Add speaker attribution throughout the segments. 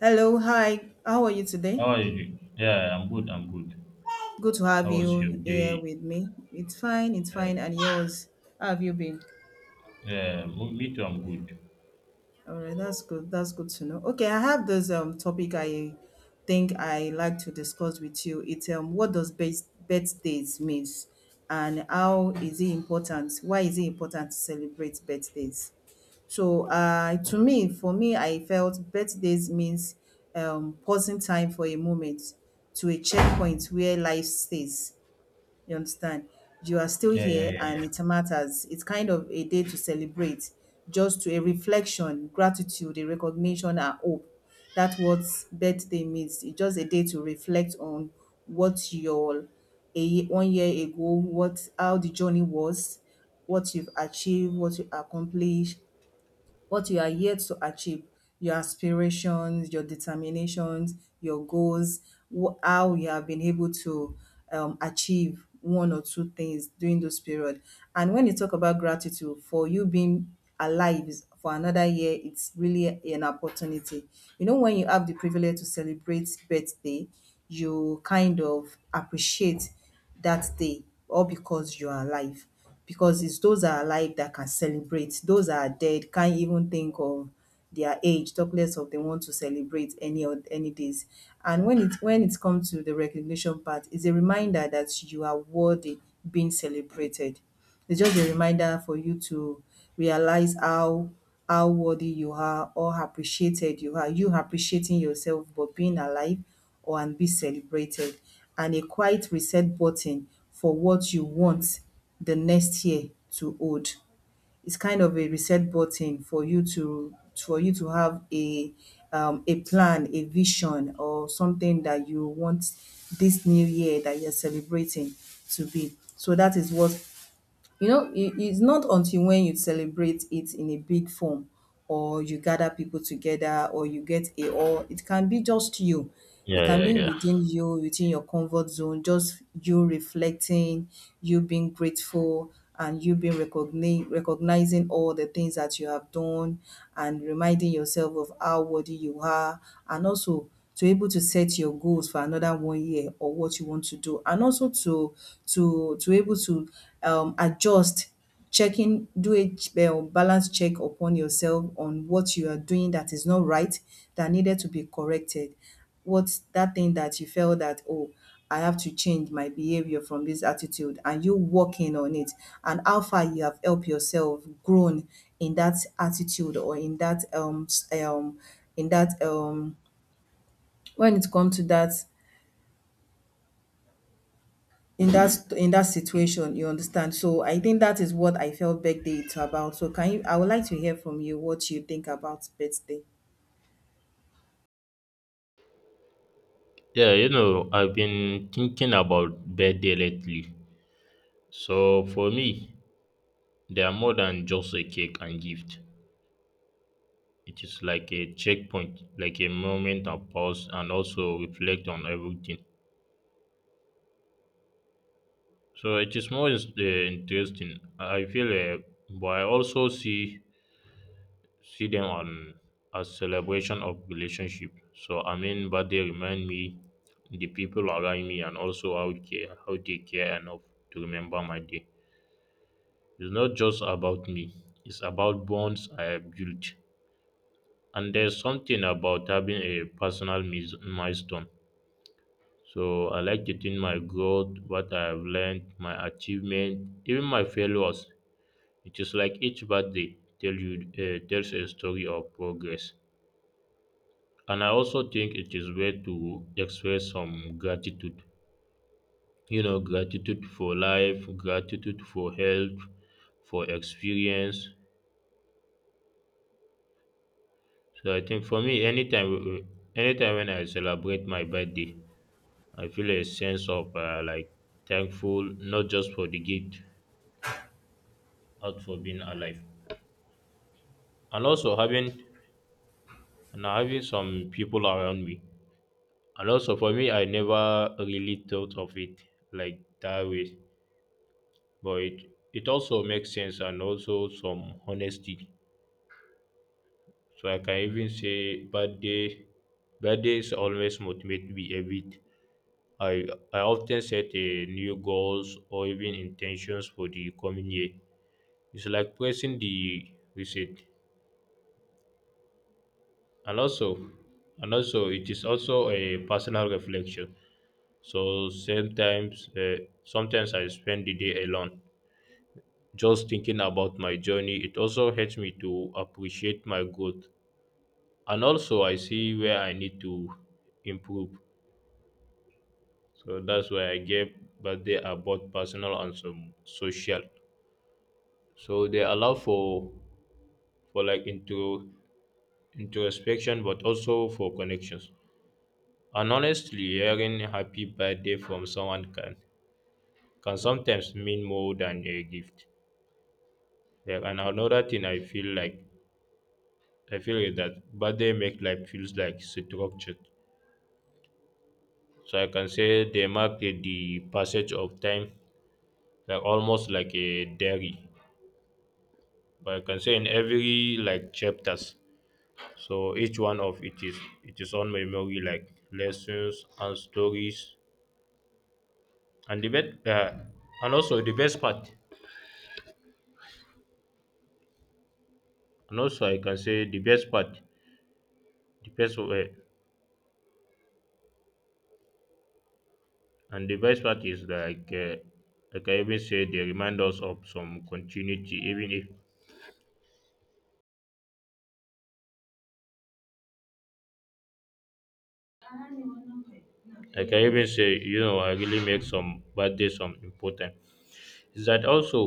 Speaker 1: Hello, hi. How are you today?
Speaker 2: How are you doing? Yeah, I'm good. I'm good.
Speaker 1: Good to have
Speaker 2: How was your
Speaker 1: you here
Speaker 2: day?
Speaker 1: with me. It's fine, it's fine. And yours? How have you been?
Speaker 2: Yeah, me too. I'm good.
Speaker 1: All right, that's good. That's good to know. Okay, I have this topic I think I like to discuss with you. It's what does best birthdays means and how is it important? Why is it important to celebrate birthdays? So, to me, for me, I felt birthdays means pausing time for a moment to a checkpoint where life stays. You understand? You are still
Speaker 2: Yeah, yeah,
Speaker 1: here
Speaker 2: yeah,
Speaker 1: and
Speaker 2: yeah.
Speaker 1: it matters. It's kind of a day to celebrate, just to a reflection, gratitude, a recognition, and hope. That's what birthday means. It's just a day to reflect on what your 1 year ago, what how the journey was, what you've achieved, what you accomplished, what you are here to achieve, your aspirations, your determinations, your goals, how you have been able to achieve one or two things during those period. And when you talk about gratitude for you being alive for another year, it's really an opportunity. You know, when you have the privilege to celebrate birthday, you kind of appreciate that day all because you are alive, because it's those that are alive that can celebrate. Those that are dead can't even think of their age, talk less of they want to celebrate any of any days. And when it comes to the recognition part, it's a reminder that you are worthy being celebrated. It's just a reminder for you to realize how worthy you are or appreciated you are, you appreciating yourself for being alive or and be celebrated, and a quiet reset button for what you want the next year to hold. It's kind of a reset button for you to have a plan, a vision, or something that you want this new year that you're celebrating to be. So that is what. You know, it's not until when you celebrate it in a big form or you gather people together or you get a or it can be just you. It
Speaker 2: Yeah,
Speaker 1: can
Speaker 2: yeah,
Speaker 1: be
Speaker 2: yeah.
Speaker 1: within you, within your comfort zone, just you reflecting, you being grateful, and you being recognizing all the things that you have done and reminding yourself of how worthy you are, and also to be able to set your goals for another 1 year or what you want to do, and also to able to adjust, checking do a ch- balance check upon yourself on what you are doing that is not right, that needed to be corrected. What's that thing that you felt that, oh, I have to change my behavior from this attitude, and you working on it, and how far you have helped yourself grown in that attitude, or in that in that when it comes to that, in that situation. You understand? So I think that is what I felt birthday is about. So can you, I would like to hear from you what you think about birthday.
Speaker 2: Yeah, I've been thinking about birthday lately. So for me, they are more than just a cake and gift. It is like a checkpoint, like a moment of pause and also reflect on everything. So it is more interesting. I feel, but I also see them on as celebration of relationship. So I mean, but they remind me the people around me and also how they care enough to remember my day. It's not just about me; it's about bonds I have built. And there's something about having a personal milestone. So I like to think my growth, what I have learned, my achievement, even my failures. It is like each birthday tells a story of progress. And I also think it is way to express some gratitude, gratitude for life, gratitude for health, for experience. So I think for me, anytime when I celebrate my birthday, I feel a sense of like thankful, not just for the gift, but for being alive, and also having some people around me. And also for me, I never really thought of it like that way. But it also makes sense and also some honesty. So I can even say birthdays always motivate me a bit. I I often set a new goals or even intentions for the coming year. It's like pressing the reset. And also and also it is also a personal reflection. So sometimes I spend the day alone just thinking about my journey. It also helps me to appreciate my growth and also I see where I need to improve. So that's why I gave birthday are both personal and some social. So they allow for like into introspection but also for connections. And honestly hearing happy birthday from someone can sometimes mean more than a gift. Yeah, and another thing I feel is that birthday make life feels like structured. So I can say they mark the passage of time like almost like a diary, but I can say in every like chapters, so each one of it is on memory like lessons and stories. And the best and also the best part, and also I can say the best part, the best way, and the best part is like I can even say they remind us of some continuity, even if, like, I can even say I really make some birthday some important, is that also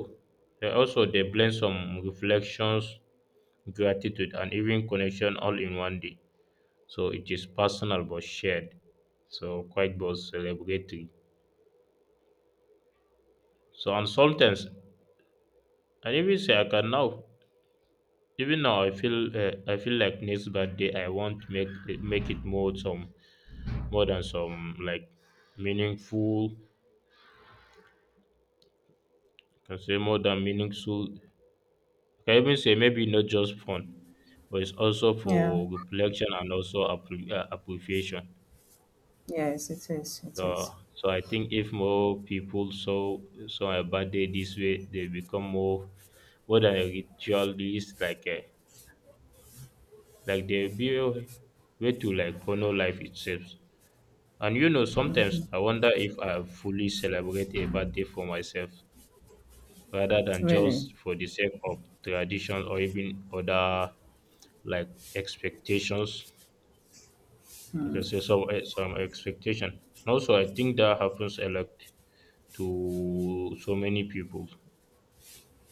Speaker 2: they blend some reflections, gratitude, and even connection all in one day. So it is personal but shared. So quite both celebratory. So on Sultans, and even say I can now. Even now, I feel like next birthday I want to make it more some, more than some like meaningful. Can say more than meaningful. Can even say maybe not just fun, but it's also
Speaker 1: Yeah.
Speaker 2: for reflection and also appreciation.
Speaker 1: Yes, it is, it is,
Speaker 2: So, I think if more people saw a birthday this way, they become more than a ritualist, like they be a way to like honor life itself. And sometimes I wonder if I fully celebrate a birthday for myself rather than
Speaker 1: really.
Speaker 2: just for the sake of tradition or even other like expectations. I can say some expectation. And also, I think that happens a lot to so many people.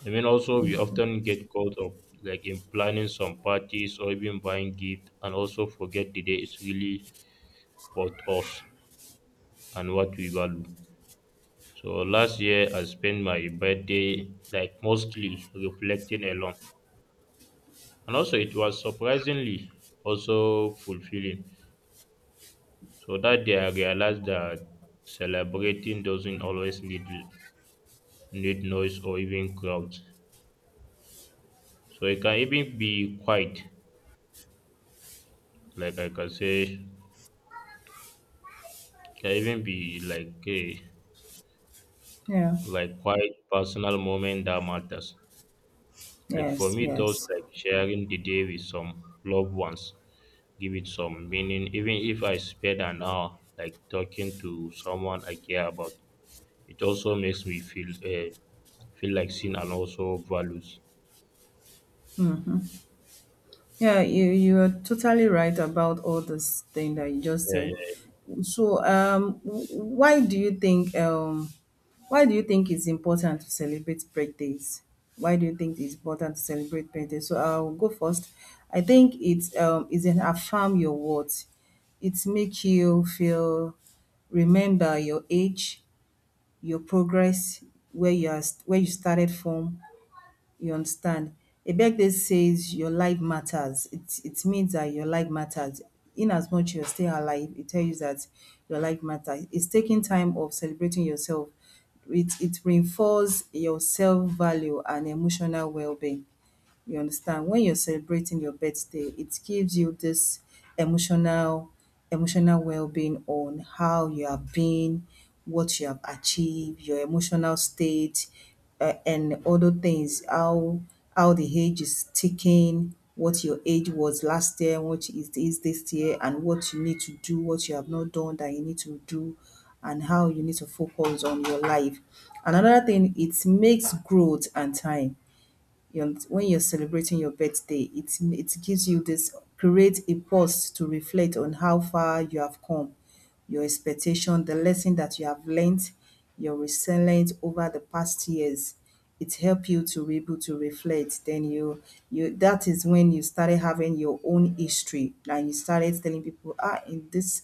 Speaker 2: I mean, also, we often get caught up like in planning some parties or even buying gifts and also forget the day is really about us and what we value. So last year I spent my birthday like mostly reflecting alone, and also it was surprisingly also fulfilling. So that day I realized that celebrating doesn't need noise or even crowds. So it can even be quiet, like I can say, can even be
Speaker 1: Yeah.
Speaker 2: like quite personal moment that matters. Like for
Speaker 1: Yes,
Speaker 2: me, those
Speaker 1: yes.
Speaker 2: like sharing the day with some loved ones give it some meaning. Even if I spend an hour like talking to someone I care about, it also makes me feel like seen and also values.
Speaker 1: Yeah, you are totally right about all this thing that you just
Speaker 2: Yeah, yeah,
Speaker 1: said.
Speaker 2: yeah.
Speaker 1: So, why do you think why do you think it's important to celebrate birthdays? Why do you think it's important to celebrate birthdays? So I'll go first. I think it's an affirm your worth. It makes you feel, remember your age, your progress, where you are, where you started from. You understand, a birthday says your life matters. It means that your life matters. In as much you're still alive, it tells you that your life matters. It's taking time of celebrating yourself. It reinforces your self value and emotional well-being. You understand? When you're celebrating your birthday, it gives you this emotional emotional well-being on how you have been, what you have achieved, your emotional state, and other things, how the age is ticking, what your age was last year, what it is this year, and what you need to do, what you have not done that you need to do, and how you need to focus on your life. And another thing, it makes growth and time. When you're celebrating your birthday, it gives you this, create a pause to reflect on how far you have come, your expectation, the lesson that you have learned, your resilience over the past years. It help you to be able to reflect. You, that is when you started having your own history, and you started telling people, ah, in this,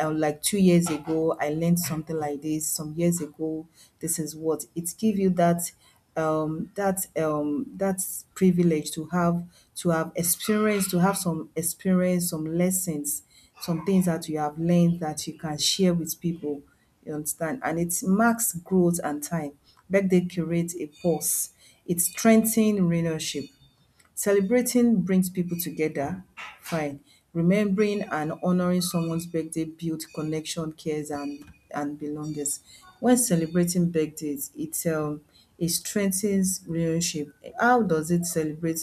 Speaker 1: like 2 years ago, I learned something like this. Some years ago, this is what it give you, that that privilege to have experience to have some experience, some lessons, some things that you have learned that you can share with people. You understand? And it marks growth and time. Birthday creates a pause. It strengthens relationship. Celebrating brings people together, fine. Remembering and honoring someone's birthday builds connection, cares, and belongings. When celebrating birthdays, it it strengthens relationship. How does it celebrate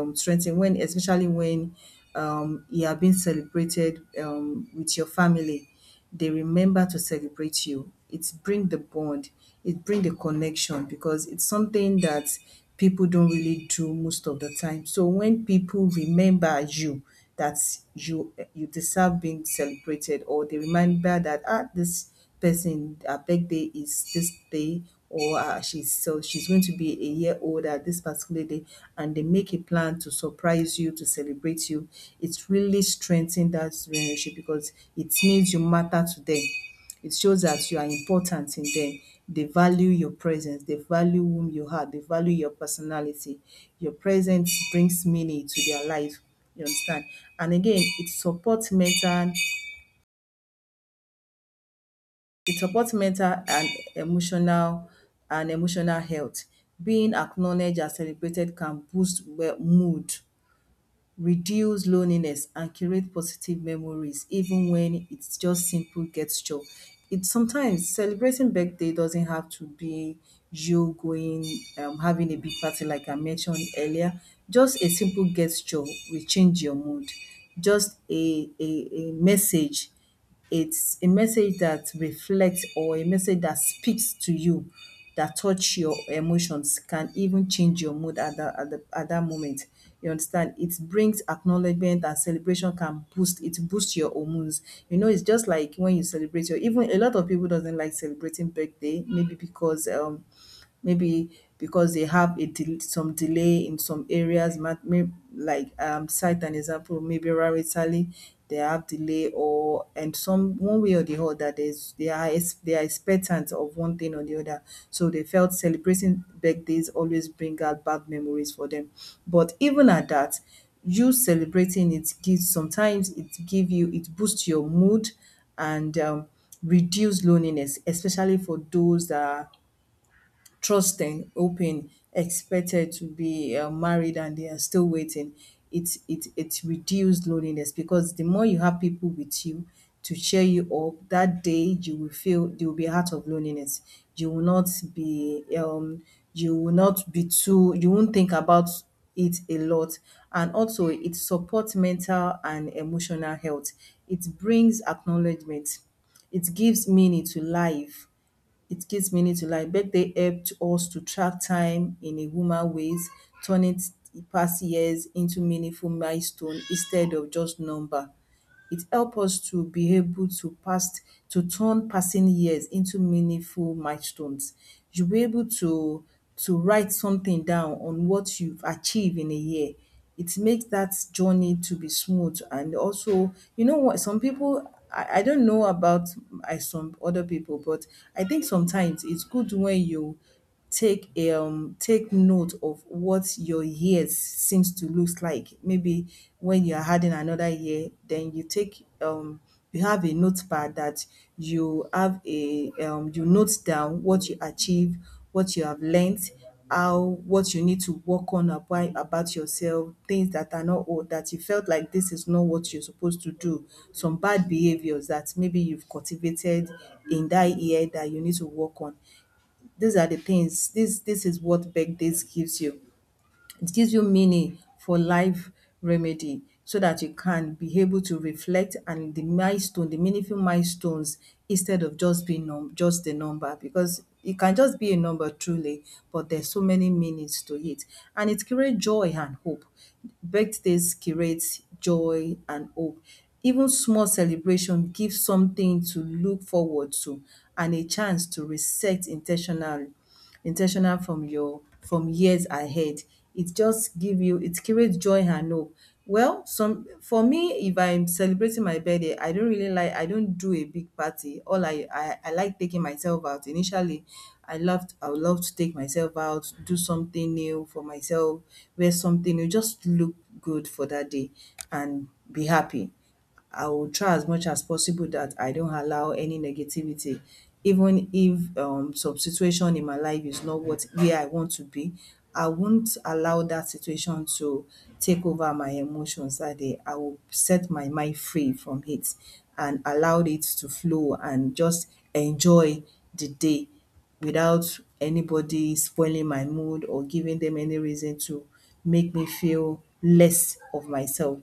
Speaker 1: strengthen, when especially when you are being celebrated with your family, they remember to celebrate you. It bring the bond, it bring the connection, because it's something that people don't really do most of the time. So when people remember you, that you deserve being celebrated, or they remember that, ah, this person, their birthday is this day, or she's going to be a year old at this particular day, and they make a plan to surprise you, to celebrate you, it's really strengthened that relationship, because it means you matter to them. It shows that you are important in them. They value your presence, they value whom you are, they value your personality. Your presence brings meaning to their life. You understand? And again, it supports mental, it supports mental and emotional, and emotional health. Being acknowledged and celebrated can boost mood, reduce loneliness, and create positive memories, even when it's just simple gesture. It sometimes celebrating birthday doesn't have to be you going having a big party like I mentioned earlier. Just a simple gesture will change your mood. Just a message. It's a message that reflects, or a message that speaks to you, that touch your emotions, can even change your mood at that at the at that moment. You understand? It brings acknowledgement and celebration, can boost, it boosts your hormones. You know, it's just like when you celebrate your, even a lot of people doesn't like celebrating birthday, maybe because they have some delay in some areas, like cite an example, maybe rarely they have delay or, and some one way or the other, there's they are they are expectant of one thing or the other. So they felt celebrating birthdays always bring out bad memories for them. But even at that, you celebrating it gives, sometimes it give you, it boosts your mood, and reduce loneliness, especially for those that trusting, hoping, expected to be married, and they are still waiting. It reduced loneliness, because the more you have people with you to cheer you up, that day you will feel, you will be out of loneliness. You will not be you will not be too, you won't think about it a lot. And also it supports mental and emotional health. It brings acknowledgement, it gives meaning to life. It gives meaning to life. Birthday helped us to track time in a human ways, turning past years into meaningful milestone instead of just number. It help us to be able to pass, to turn passing years into meaningful milestones. You'll be able to write something down on what you've achieved in a year. It makes that journey to be smooth. And also, you know what, some people, I don't know about, I, some other people, but I think sometimes it's good when you take a take note of what your years seems to looks like. Maybe when you are adding another year, then you take you have a notepad that you have a you note down what you achieve, what you have learnt, how what you need to work on about yourself, things that are not or that you felt like this is not what you're supposed to do, some bad behaviours that maybe you've cultivated in that year that you need to work on. These are the things, this is what birthdays gives you. It gives you meaning for life, remedy, so that you can be able to reflect and the milestone, the meaningful milestones instead of just being num just a number, because it can just be a number truly, but there's so many meanings to it. And it creates joy and hope. Birthdays creates joy and hope. Even small celebration gives something to look forward to and a chance to reset intentionally. Intentional from your from years ahead. It just give you it creates joy and hope. Well, some for me, if I'm celebrating my birthday, I don't really like, I don't do a big party. I like taking myself out. Initially, I would love to take myself out, do something new for myself, wear something new, just look good for that day and be happy. I will try as much as possible that I don't allow any negativity, even if some situation in my life is not what where I want to be. I won't allow that situation to take over my emotions that day. I will set my mind free from it and allow it to flow and just enjoy the day without anybody spoiling my mood or giving them any reason to make me feel less of myself,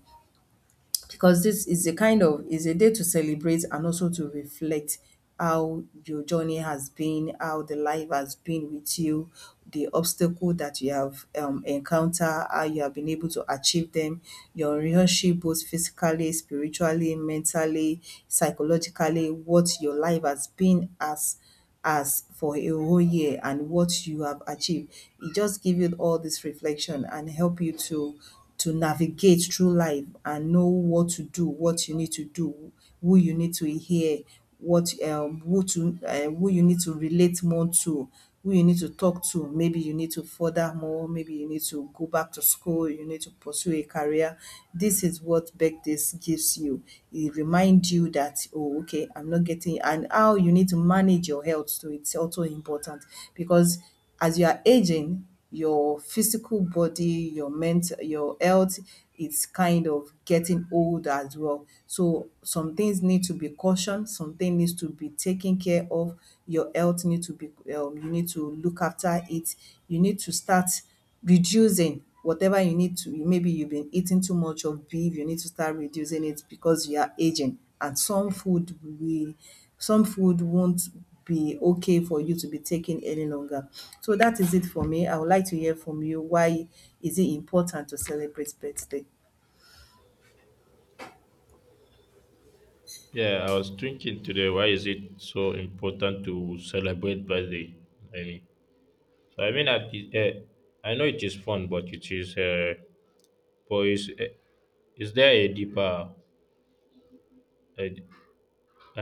Speaker 1: because this is a day to celebrate and also to reflect how your journey has been, how the life has been with you, the obstacle that you have encountered, how you have been able to achieve them, your relationship both physically, spiritually, mentally, psychologically, what your life has been as for a whole year and what you have achieved. It just give you all this reflection and help you to navigate through life and know what to do, what you need to do, who you need to hear, what who you need to relate more to, who you need to talk to. Maybe you need to further more, maybe you need to go back to school, you need to pursue a career. This is what birthdays gives you. It reminds you that, oh, okay, I'm not getting, and how you need to manage your health too. It's also important, because as you are aging, your physical body, your mental, your health is kind of getting old as well. So some things need to be cautioned, something needs to be taken care of. Your health need to be, you need to look after it. You need to start reducing whatever you need to. Maybe you've been eating too much of beef, you need to start reducing it because you are aging, and some food we some food won't be okay for you to be taking any longer. So that is it for me. I would like to hear from you, why is it important to celebrate birthday?
Speaker 2: Yeah, I was thinking today, why is it so important to celebrate birthday? I mean, I mean, I know it is fun, but it is poise. Is there a deeper, a-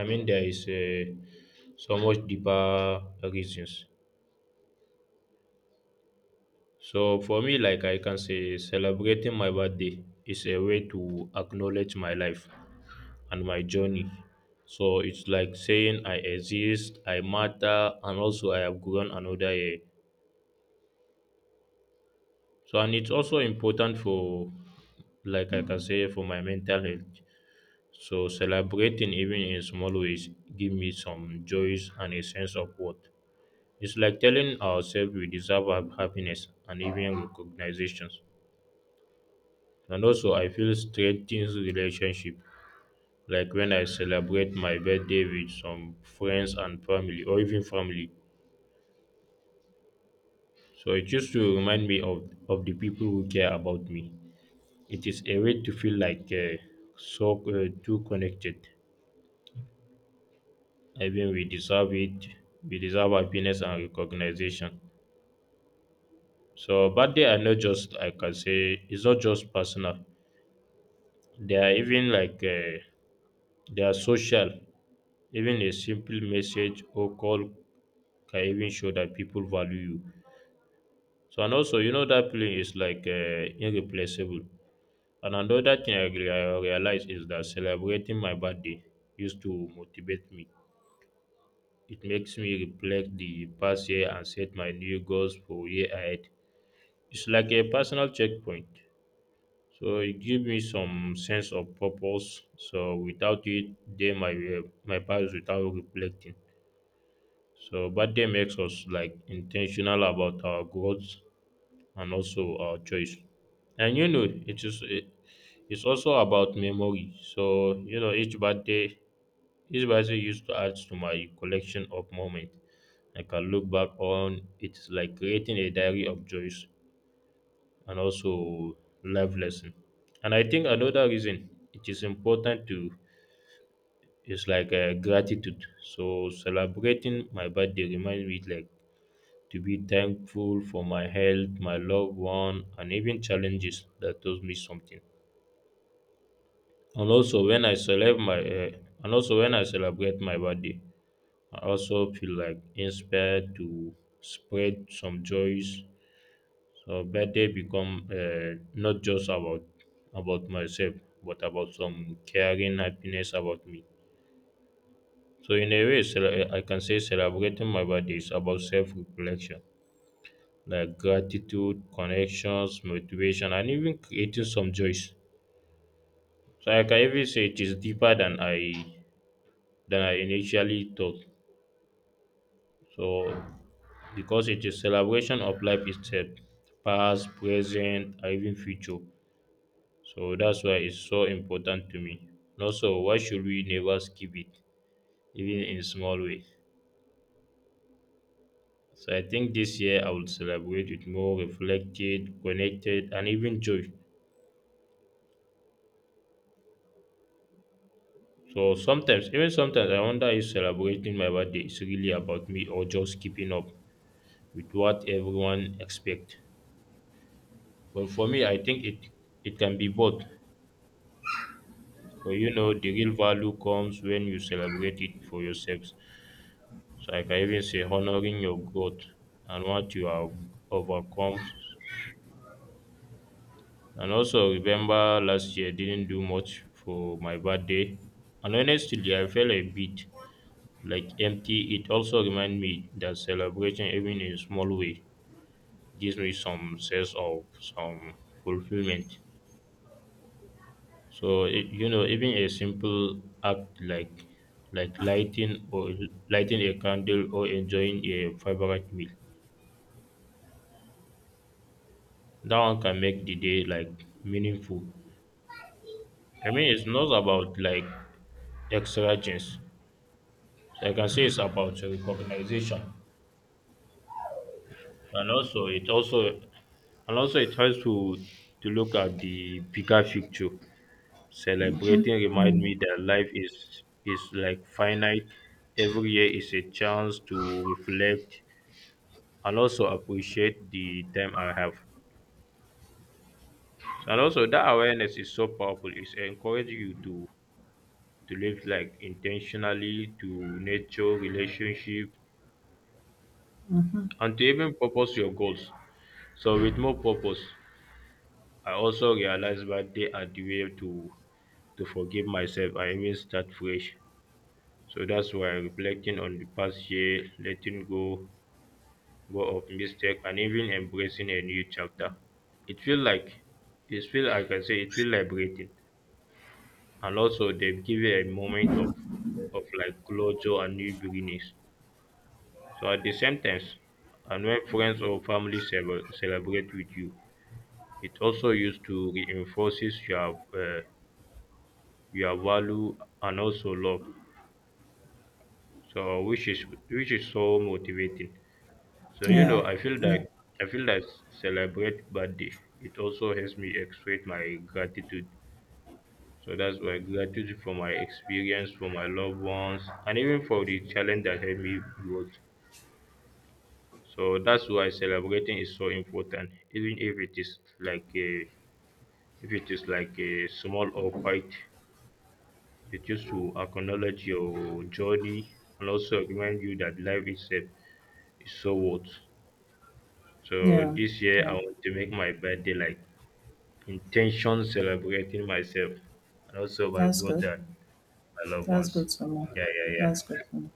Speaker 2: I mean, there is so much deeper reasons. So for me, like I can say, celebrating my birthday is a way to acknowledge my life and my journey. So it's like saying I exist, I matter, and also I have grown another year. So and it's also important for, like I can say, for my mental health. So celebrating even in small ways give me some joys and a sense of worth. It's like telling ourselves we deserve happiness and even recognitions. And also, I feel strengthens relationship. Like when I celebrate my birthday with some friends and family, or even family. So it used to remind me of the people who care about me. It is a way to feel like so too connected. I mean, we deserve it. We deserve happiness and recognition. So birthday are not just, I can say it's not just personal. They are even like they are social. Even a simple message or call can even show that people value you. So and also you know that feeling is like irreplaceable. And another thing I realize is that celebrating my birthday used to motivate me. It makes me reflect the past year and set my new goals for year ahead. It's like a personal checkpoint. So it give me some sense of purpose. So without it, day might pass without reflecting. So birthday makes us like intentional about our goals and also our choice. And you know, it's also about memory. So you know, each birthday used to add to my collection of moments. I can look back on. It's like creating a diary of joys and also life lesson. And I think another reason it is important to is like gratitude. So celebrating my birthday reminds me like to be thankful for my health, my loved one, and even challenges that taught me something. And also when I celebrate my uh, and also when I celebrate my birthday, I also feel like inspired to spread some joys. So birthday become not just about myself, but about some caring happiness about me. So in a way, I can say celebrating my birthday is about self-reflection, like gratitude, connections, motivation, and even creating some joys. So I can even say it is deeper than I initially thought. So because it is celebration of life itself, past, present, and even future. So that's why it's so important to me. And also, why should we never skip it, even in small ways? So I think this year I will celebrate it more reflected, connected, and even joy. So sometimes, even sometimes, I wonder if celebrating my birthday is really about me or just keeping up with what everyone expects. But for me, I think it can be both. So, the real value comes when you celebrate it for yourselves. So I can even say honoring your growth and what you have overcome. And also remember last year didn't do much for my birthday. And honestly I felt a bit like empty. It also reminded me that celebration even in a small way gives me some sense of some fulfillment. So it, you know even a simple act like lighting a candle or enjoying a favorite meal, that one can make the day like meaningful. I mean, it's not about like extra things. So I can say it's about recognition, and also it also and also it helps to look at the bigger picture. Celebrating remind me that life is like finite. Every year is a chance to reflect and also appreciate the time I have. And also that awareness is so powerful. It's encouraging you to live like intentionally to nature relationship and to even purpose your goals. So with more purpose, I also realized that they are the way to forgive myself and even start fresh. So that's why I'm reflecting on the past year, letting go of mistake and even embracing a new chapter. it feel like it feel, I can say it feel liberating, and also they have given a moment of like closure and new beginnings. So at the same time, and when friends or family celebrate with you, it also used to reinforces your value and also love. So which is so motivating. So
Speaker 1: Yeah.
Speaker 2: I feel
Speaker 1: Yeah.
Speaker 2: that I feel that celebrate birthday. It also helps me express my gratitude. So that's why gratitude for my experience, for my loved ones, and even for the challenge that helped me grow. So that's why celebrating is so important, even if it is like a if it is like a small or quiet, it just to acknowledge your journey and also remind you that life itself is so worth. So
Speaker 1: Yeah.
Speaker 2: this year I
Speaker 1: Yeah,
Speaker 2: want to make my birthday like intention, celebrating myself and also my
Speaker 1: that's
Speaker 2: growth
Speaker 1: good.
Speaker 2: and my loved
Speaker 1: That's
Speaker 2: ones.
Speaker 1: good to know.
Speaker 2: Yeah, yeah, yeah.
Speaker 1: That's good to know.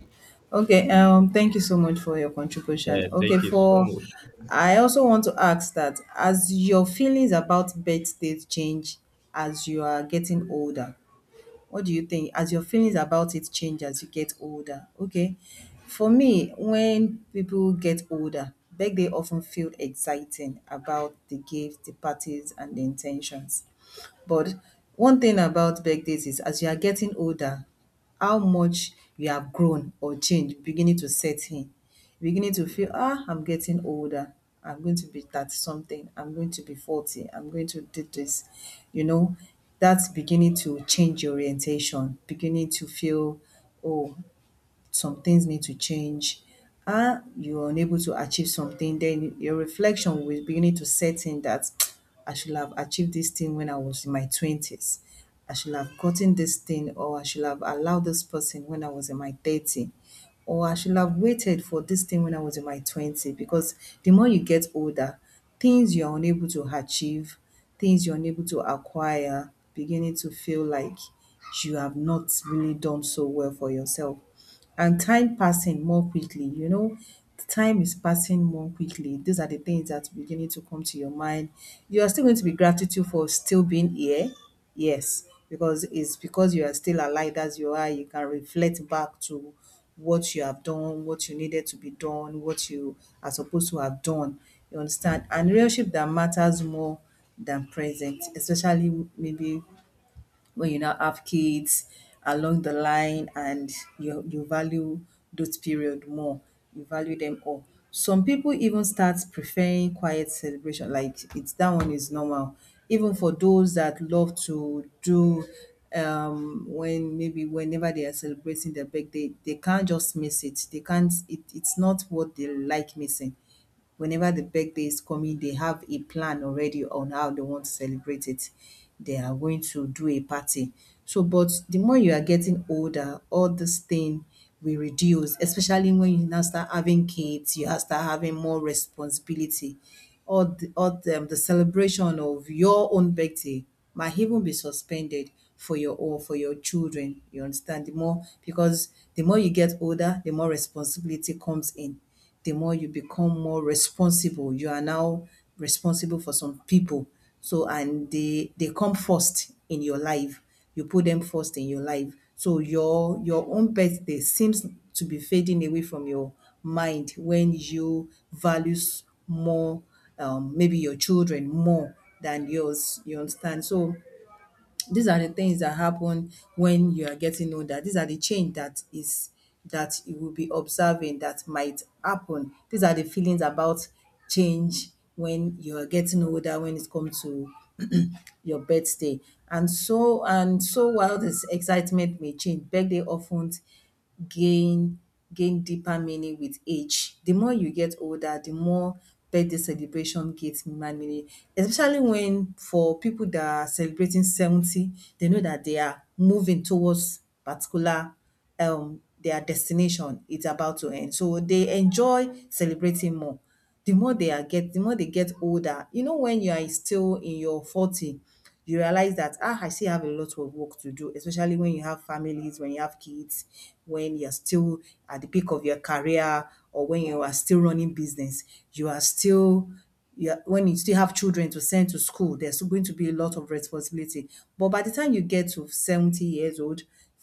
Speaker 1: Okay, thank you so much for your contribution.
Speaker 2: Yeah,
Speaker 1: Okay,
Speaker 2: thank you so
Speaker 1: for
Speaker 2: much.
Speaker 1: I also want to ask that as your feelings about birthdays change as you are getting older, what do you think? As your feelings about it change as you get older, okay? For me, when people get older, birthday often feel exciting about the gifts, the parties, and the intentions. But one thing about birthdays is, as you are getting older, how much you have grown or changed beginning to set in. Beginning to feel, ah, I'm getting older. I'm going to be that something. I'm going to be 40. I'm going to do this. You know, that's beginning to change your orientation, beginning to feel, oh, some things need to change, ah, you are unable to achieve something, then your reflection will be beginning to set in that I should have achieved this thing when I was in my 20s. I should have gotten this thing, or I should have allowed this person when I was in my 30, or I should have waited for this thing when I was in my 20. Because the more you get older, things you are unable to achieve, things you're unable to acquire, beginning to feel like you have not really done so well for yourself, and time passing more quickly, you know, time is passing more quickly. These are the things that's beginning to come to your mind. You are still going to be gratitude for still being here. Yes, because it's, because you are still alive as you are, you can reflect back to what you have done, what you needed to be done, what you are supposed to have done. You understand? And relationship that matters more than present, especially maybe when you now have kids along the line, and you value those period more, you value them all. Some people even start preferring quiet celebration, like it's, that one is normal, even for those that love to do, when maybe whenever they are celebrating their birthday, they can't just miss it, they can't, it's not what they like missing. Whenever the birthday is coming, they have a plan already on how they want to celebrate it. They are going to do a party. So, but the more you are getting older, all this thing will reduce, especially when you now start having kids, you start having more responsibility. All the celebration of your own birthday might even be suspended for your children. You understand? The more, because the more you get older, the more responsibility comes in, the more you become more responsible. You are now responsible for some people. So, and they come first in your life. You put them first in your life. So your own birthday seems to be fading away from your mind when you values more maybe your children more than yours. You understand? So these are the things that happen when you are getting older. These are the change that is that you will be observing that might happen. These are the feelings about change when you are getting older, when it comes to your birthday. And so, and so, while this excitement may change, birthday often gain gain deeper meaning with age. The more you get older, the more birthday celebration gets human meaning. Especially when for people that are celebrating 70, they know that they are moving towards particular, their destination. It's about to end. So they enjoy celebrating more the more the more they get older. You know, when you are still in your 40, you realize that, ah, I still have a lot of work to do, especially when you have families, when you have kids, when you're still at the peak of your career, or when you are still running business, you are still, you are, when you still have children to send to school, there's still going to be a lot of responsibility. But by the time you get to 70 years old,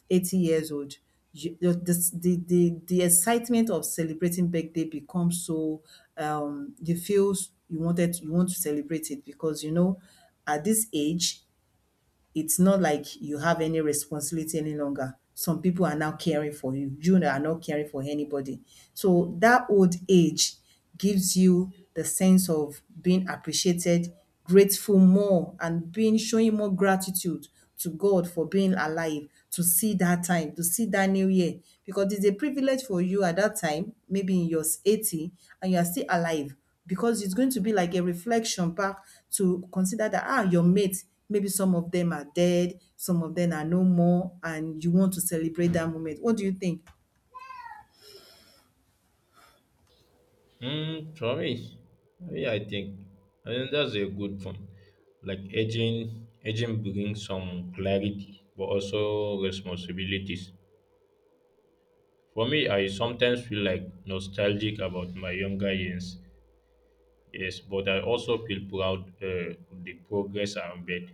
Speaker 1: 80 years old, you, the excitement of celebrating birthday becomes so, you feel, you want to celebrate it because you know at this age it's not like you have any responsibility any longer. Some people are now caring for you. You are not caring for anybody. So that old age gives you the sense of being appreciated, grateful more, and being showing more gratitude to God for being alive, to see that time, to see that new year. Because it's a privilege for you at that time, maybe in your 80, and you are still alive, because it's going to be like a reflection back to consider that, ah, your mates, maybe some of them are dead, some of them are no more, and you want to celebrate that moment. What do you think?
Speaker 2: For me, yeah, I think, I mean, that's a good point. Like aging brings some clarity, but also responsibilities. For me, I sometimes feel like nostalgic about my younger years, yes, but I also feel proud of the progress I have made.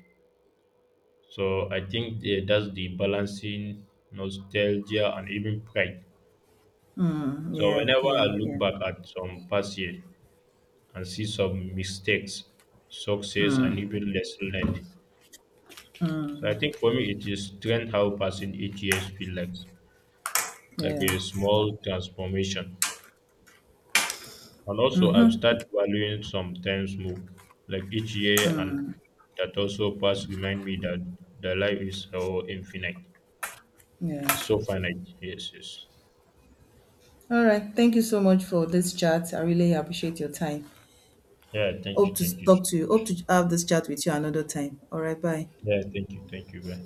Speaker 2: So I think that's the balancing nostalgia and even pride.
Speaker 1: Mm,
Speaker 2: So
Speaker 1: yeah,
Speaker 2: whenever I
Speaker 1: yeah,
Speaker 2: look
Speaker 1: yeah.
Speaker 2: back at some past years, and see some mistakes, success, and even lesson learned. So I think for me, it is trend how passing each year feels like a
Speaker 1: Yeah.
Speaker 2: small transformation. And also, I've started valuing some times more, like each year, and
Speaker 1: Mm,
Speaker 2: that also past remind me that the life is so infinite. It's
Speaker 1: yeah.
Speaker 2: so finite. Yes, yes.
Speaker 1: All right, thank you so much for this chat, I really appreciate your time.
Speaker 2: Yeah, thank you,
Speaker 1: Hope
Speaker 2: thank
Speaker 1: to
Speaker 2: you.
Speaker 1: talk to you, hope to have this chat with you another time. All right, bye.
Speaker 2: Yeah, thank you, bye.